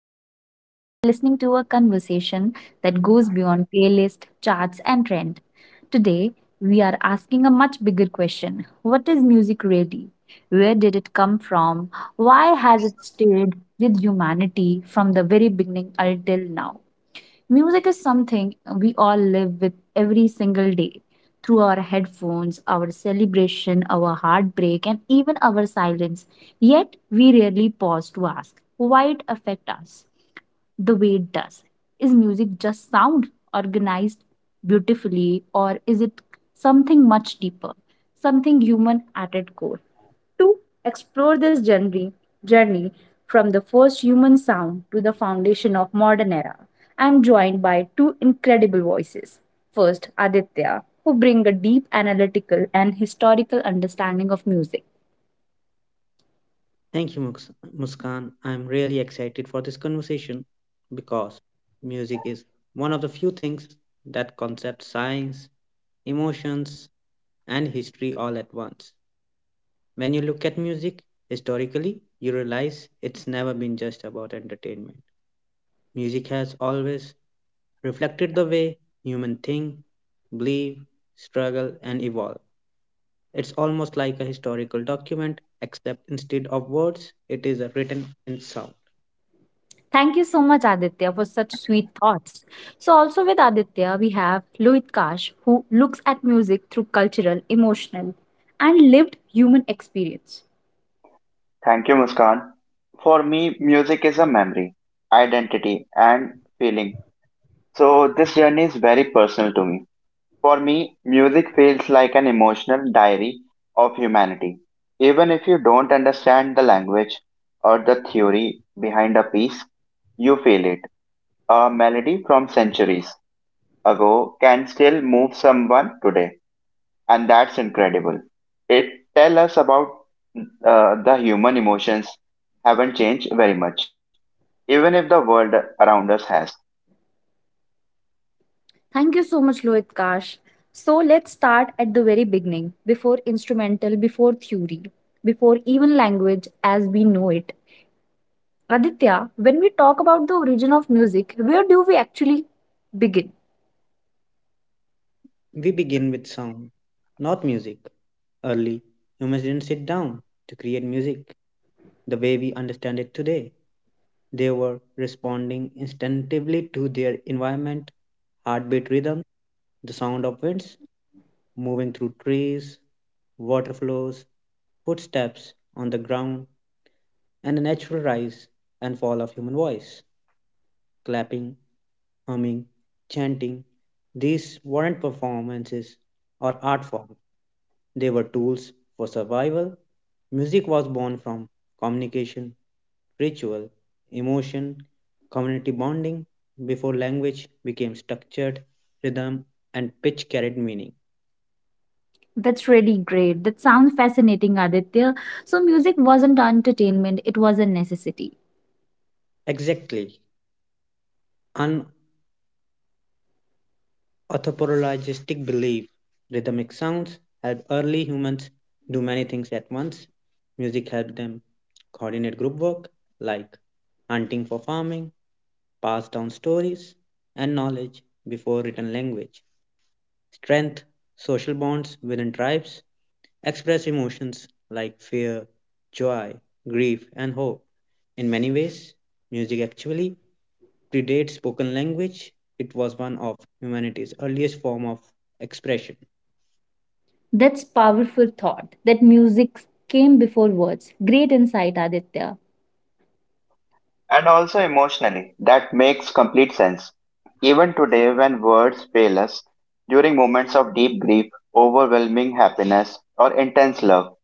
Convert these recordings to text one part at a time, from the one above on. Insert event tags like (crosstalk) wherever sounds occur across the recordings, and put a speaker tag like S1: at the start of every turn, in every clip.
S1: Muskan, and you are listening to a conversation that goes beyond playlist, charts, and trend. Today, we are asking a much bigger question. What is music really? Where did it come from? Why has it stayed with humanity from the very beginning until now? Music is something we all live with every single day through our headphones, our celebration, our heartbreak, and even our silence. Yet, we rarely pause to ask why it affects us the way it does. Is music just sound organized beautifully, or is it something much deeper, something human at its core? To explore this journey from the first human sound to the foundation of modern era. I'm joined by two incredible voices. First, Aditya, who bring a deep analytical and historical understanding of music.
S2: Thank you, Muskan. I'm really excited for this conversation because music is one of the few things that concepts, science, emotions, and history all at once. When you look at music historically, you realize it's never been just about entertainment. Music has always reflected the way human think, believe, struggle, and evolve. It's almost like a historical document, except instead of words, it is written in sound.
S1: Thank you so much, Aditya, for such sweet thoughts. So, also with Aditya, we have Loit Kash, who looks at music through cultural, emotional, and lived human experience.
S3: Thank you, Muskan. For me, music is a memory, identity, and feeling. So, this journey is very personal to me. For me, music feels like an emotional diary of humanity. Even if you don't understand the language or the theory behind a piece, you feel it. A melody from centuries ago can still move someone today and that's incredible. It tell us about the human emotions haven't changed very much, even if the world around us has.
S1: Thank you so much, Lohit Kash. So let's start at the very beginning, before instrumental, before theory, before even language as we know it. Aditya, when we talk about the origin of music, where do we actually begin?
S2: We begin with sound, not music. Early humans didn't sit down to create music the way we understand it today. They were responding instinctively to their environment, heartbeat rhythm, the sound of winds moving through trees, water flows, footsteps on the ground, and the natural rise and fall of human voice, clapping, humming, chanting. These weren't performances or art forms. They were tools for survival. Music was born from communication, ritual, emotion, community bonding, before language became structured, rhythm, and pitch carried meaning.
S1: That's really great. That sounds fascinating, Aditya. So, music wasn't entertainment, it was a necessity.
S2: Exactly. Unauthoritaristic belief. Rhythmic sounds helped early humans do many things at once. Music helped them coordinate group work, like hunting for farming, pass down stories and knowledge before written language. Strength, social bonds within tribes, express emotions like fear, joy, grief, and hope. In many ways, music actually predates spoken language. It was one of humanity's earliest form of expression.
S1: That's powerful thought that music came before words. Great insight, Aditya.
S3: And also emotionally, that makes complete sense. Even today, when words fail us, during moments of deep grief, overwhelming happiness, or intense love,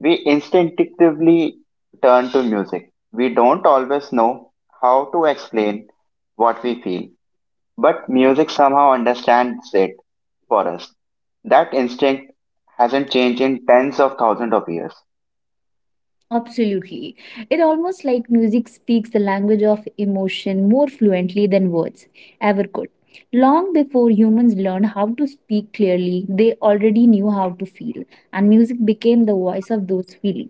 S3: we instinctively turn to music. We don't always know how to explain what we feel, but music somehow understands it for us. That instinct hasn't changed in tens of thousands of years.
S1: Absolutely. It almost like music speaks the language of emotion more fluently than words ever could. Long before humans learned how to speak clearly, they already knew how to feel, and music became the voice of those feelings.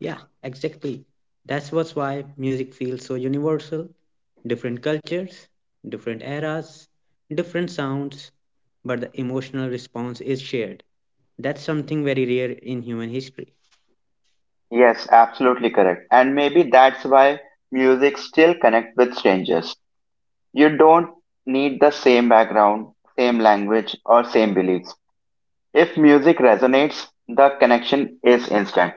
S2: Yeah, exactly. That's what's why music feels so universal. Different cultures, different eras, different sounds, but the emotional response is shared. That's something very rare in human history.
S3: Yes, absolutely correct. And maybe that's why music still connects with strangers. You don't need the same background, same language, or same beliefs. If music resonates, the connection is instant,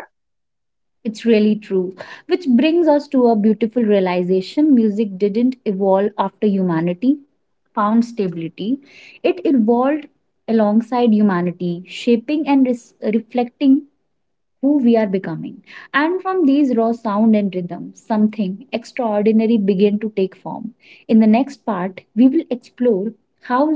S1: It's really true. Which brings us to a beautiful realization music didn't evolve after humanity found stability, it evolved alongside humanity, shaping and reflecting who we are becoming. And from these raw sound and rhythm, something extraordinary begin to take form. In the next part, we will explore how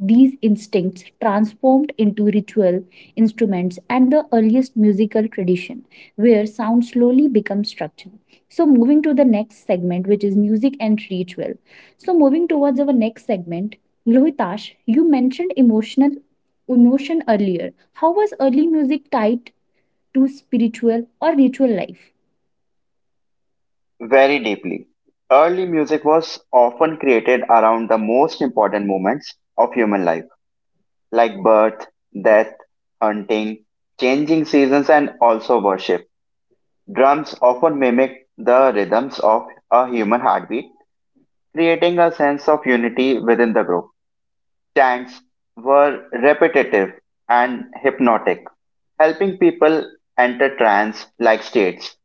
S1: these instincts transformed into ritual instruments and the earliest musical tradition, where sound slowly becomes structure. So, moving to the next segment, which is music and ritual. So, moving towards our next segment, Lohitash, you mentioned emotion earlier. How was early music tied to spiritual or ritual life?
S3: very deeply. Early music was often created around the most important moments of human life, like birth, death, hunting, changing seasons, and also worship. Drums often mimic the rhythms of a human heartbeat, creating a sense of unity within the group. Chants were repetitive and hypnotic, helping people enter trance like states.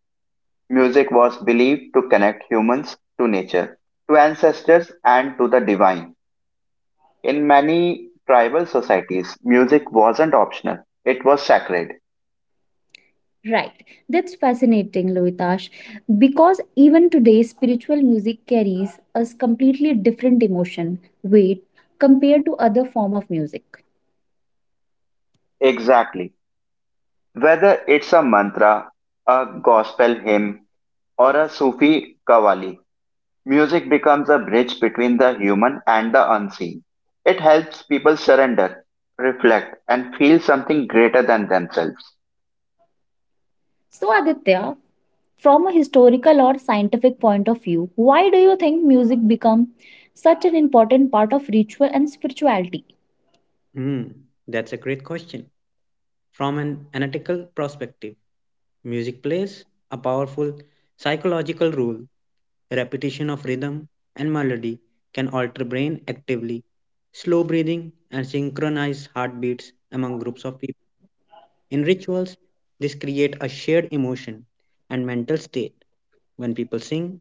S3: Music was believed to connect humans to nature, to ancestors, and to the divine. In many tribal societies, music wasn't optional, it was sacred.
S1: Right, that's fascinating, Lohitash, because even today, spiritual music carries a completely different emotion weight compared to other form of music.
S3: Exactly. Whether it's a mantra, a gospel hymn, or a Sufi kawali, music becomes a bridge between the human and the unseen. It helps people surrender, reflect, and feel something greater than themselves.
S1: So, Aditya, from a historical or scientific point of view, why do you think music become such an important part of ritual and spirituality?
S2: Hmm, that's a great question. From an analytical perspective, music plays a powerful psychological role. Repetition of rhythm and melody can alter brain actively. Slow breathing and synchronized heartbeats among groups of people. In rituals, this create a shared emotion and mental state. When people sing,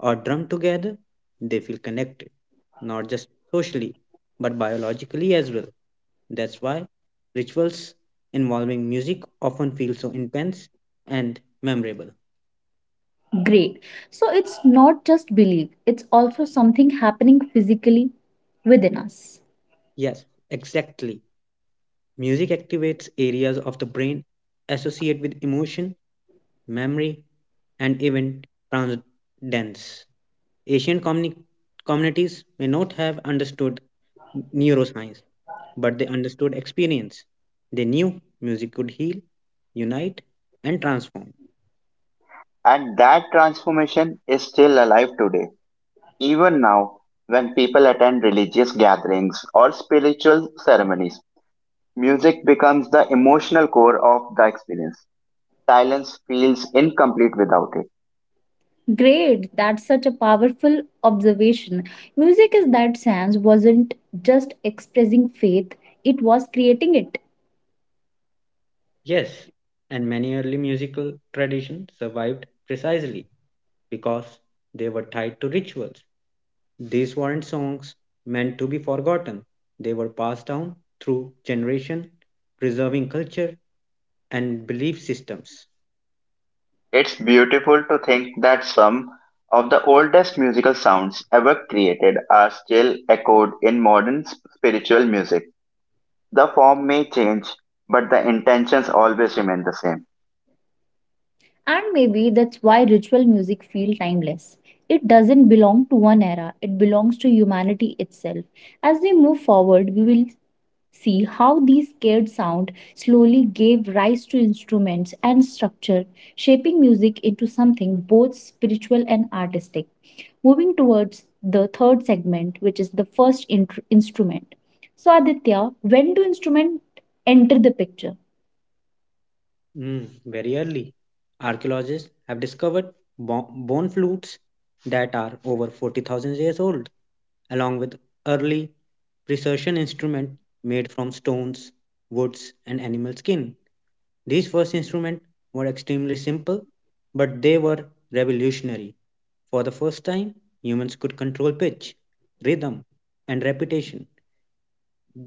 S2: or drum together, they feel connected, not just socially, but biologically as well. That's why rituals involving music often feel so intense and memorable.
S1: Great. So, it's not just belief; it's also something happening physically within us.
S2: Yes, exactly. Music activates areas of the brain associated with emotion, memory, and even transcendence. Asian communi- Communities may not have understood neuroscience, but they understood experience. They knew music could heal, unite, and transform.
S3: And that transformation is still alive today, even now when people attend religious gatherings or spiritual ceremonies. Music becomes the emotional core of the experience. Silence feels incomplete without it.
S1: Great, that's such a powerful observation. Music in that sense wasn't just expressing faith, it was creating it.
S2: Yes, and many early musical traditions survived precisely because they were tied to rituals. These weren't songs meant to be forgotten, they were passed down through generation, preserving culture and belief systems.
S3: It's beautiful to think that some of the oldest musical sounds ever created are still echoed in modern spiritual music. The form may change, but the intentions always remain the same.
S1: And maybe that's why ritual music feels timeless. It doesn't belong to one era, it belongs to humanity itself. As we move forward, we will see how these scared sound slowly gave rise to instruments and structure, shaping music into something both spiritual and artistic. Moving towards the third segment, which is the first instrument. So, Aditya, when do instruments enter the picture?
S2: Very early, archaeologists have discovered bone flutes that are over 40,000 years old, along with early precision instruments made from stones, woods, and animal skin. These first instruments were extremely simple, but they were revolutionary. For the first time, humans could control pitch, rhythm, and repetition.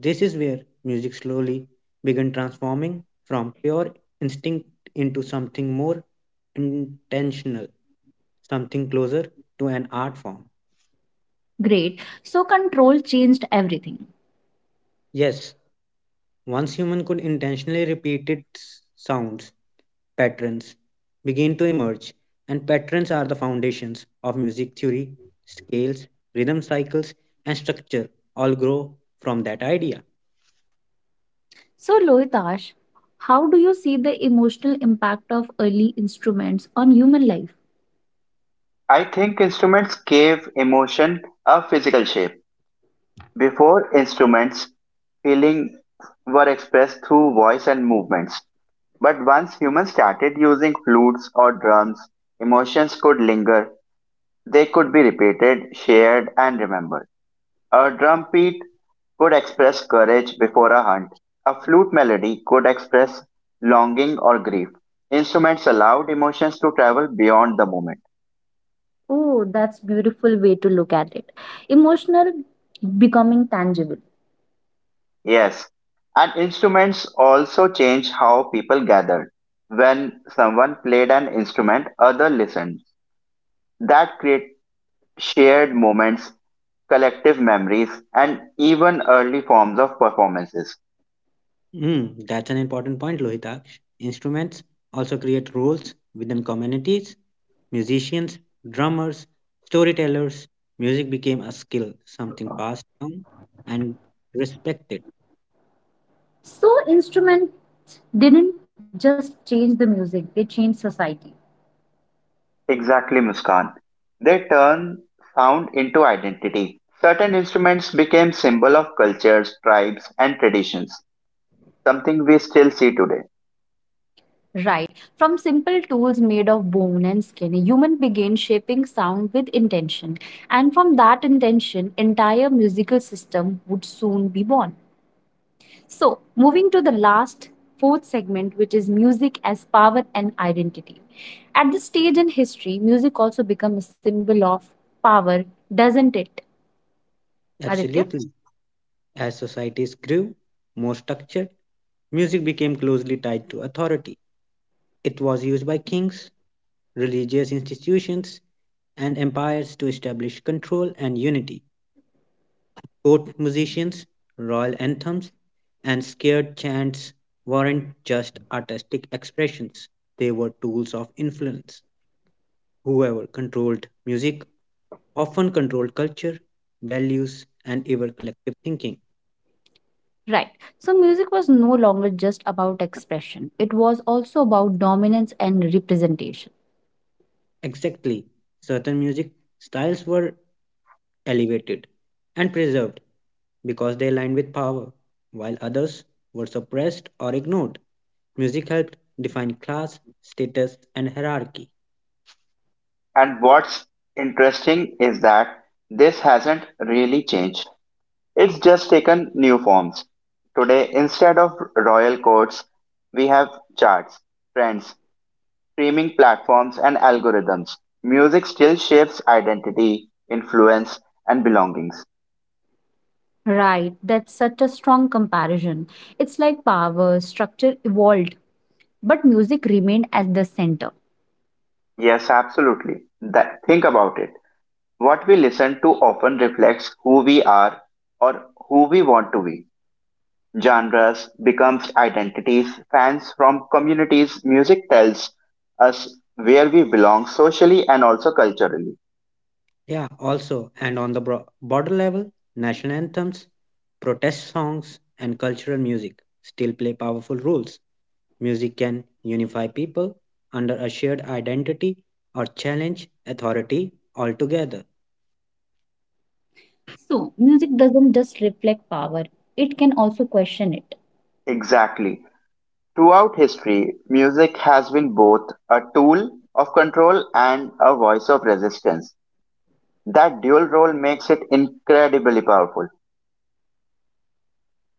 S2: This is where music slowly began transforming from pure instinct into something more intentional, something closer to an art form.
S1: Great. So, control changed everything.
S2: Yes, once human could intentionally repeat its sounds, patterns begin to emerge, and patterns are the foundations of music theory, scales, rhythm cycles, and structure all grow from that idea.
S1: So, Lohitash, how do you see the emotional impact of early instruments on human life?
S3: I think instruments gave emotion a physical shape. Before instruments, feeling were expressed through voice and movements. But once humans started using flutes or drums, emotions could linger. They could be repeated, shared, and remembered. A drumbeat could express courage before a hunt. A flute melody could express longing or grief. Instruments allowed emotions to travel beyond the moment.
S1: Oh, that's beautiful way to look at it. Emotional becoming tangible.
S3: Yes, and instruments also changed how people gathered. When someone played an instrument, others listened. That created shared moments, collective memories, and even early forms of performances.
S2: That's an important point, Lohitaksh. Instruments also create roles within communities. Musicians, drummers, storytellers. Music became a skill, something passed down and respected.
S1: So instruments didn't just change the music, they changed society.
S3: Exactly, Muskan. They turn sound into identity. Certain instruments became symbol of cultures, tribes, and traditions, something we still see today.
S1: Right. From simple tools made of bone and skin, a human began shaping sound with intention. And from that intention, entire musical system would soon be born. So, moving to the last fourth segment, which is music as power and identity. At this stage in history, music also becomes a symbol of power, doesn't it, Aditya?
S2: Absolutely. As societies grew more structured, music became closely tied to authority. It was used by kings, religious institutions, and empires to establish control and unity. Court musicians, royal anthems, and scared chants weren't just artistic expressions, they were tools of influence. Whoever controlled music often controlled culture, values, and even collective thinking.
S1: Right. So, music was no longer just about expression, it was also about dominance and representation.
S2: Exactly, certain music styles were elevated and preserved because they aligned with power, while others were suppressed or ignored. Music helped define class, status, and hierarchy.
S3: And what's interesting is that this hasn't really changed. It's just taken new forms. Today, instead of royal courts, we have charts, trends, streaming platforms, and algorithms. Music still shapes identity, influence, and belongings.
S1: Right, that's such a strong comparison. It's like power, structure evolved, but music remained at the center.
S3: Yes, absolutely. That, think about it. What we listen to often reflects who we are or who we want to be. Genres becomes identities, fans from communities, music tells us where we belong socially and also culturally.
S2: Yeah, also, and on the border level, national anthems, protest songs, and cultural music still play powerful roles. Music can unify people under a shared identity or challenge authority altogether.
S1: So, music doesn't just reflect power, it can also question it.
S3: Exactly. Throughout history, music has been both a tool of control and a voice of resistance. That dual role makes it incredibly powerful.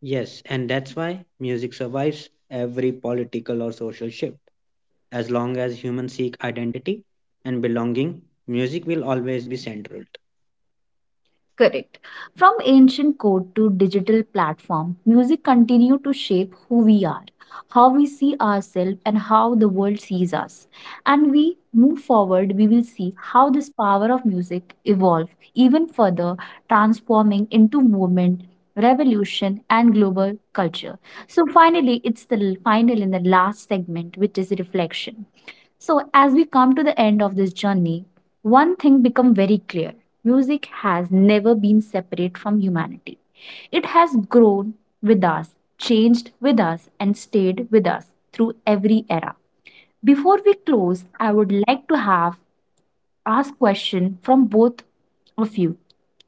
S2: Yes, and that's why music survives every political or social shift. As long as humans seek identity and belonging, music will always be central.
S1: Correct. From ancient code to digital platform, music continue to shape who we are, how we see ourselves and how the world sees us. And we move forward, we will see how this power of music evolve even further, transforming into movement, revolution and global culture. So finally, it's the final in the last segment which is reflection. So, as we come to the end of this journey, one thing become very clear. Music has never been separate from humanity. It has grown with us, changed with us, and stayed with us through every era. Before we close, I would like to have ask question from both of you.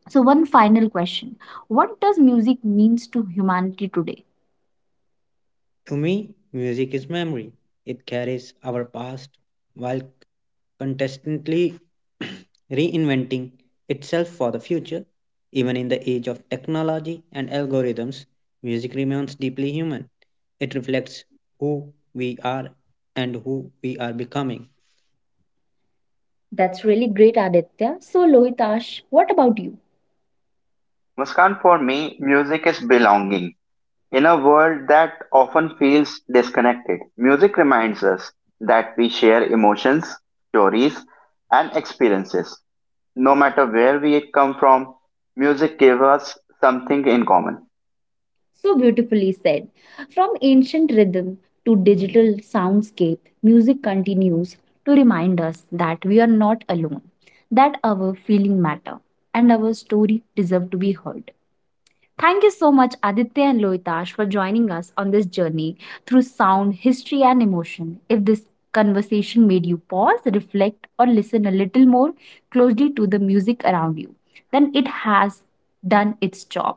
S1: So one final question. What does music means to humanity today?
S2: To me, music is memory. It carries our past while constantly (clears throat) reinventing itself for the future. Even in the age of technology and algorithms, music remains deeply human. It reflects who we are and who we are becoming.
S1: That's really great, Aditya. So Lohitash, what about you?
S3: Muskan, for me, music is belonging. In a world that often feels disconnected, music reminds us that we share emotions, stories, and experiences. No matter where we come from, music gives us something in common.
S1: So beautifully said. From ancient rhythm to digital soundscape, music continues to remind us that we are not alone, that our feeling matter and our story deserve to be heard. Thank you so much Aditya and Loitash for joining us on this journey through sound, history and emotion. If this conversation made you pause, reflect or listen a little more closely to the music around you, then it has done its job.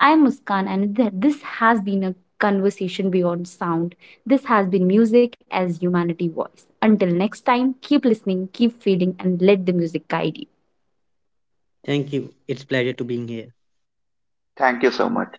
S1: I'm Muskan, and this has been a conversation beyond sound. This has been music as humanity voice. Until next time, keep listening, keep feeling, and let the music guide you.
S2: Thank you. It's pleasure to being here.
S3: Thank you so much.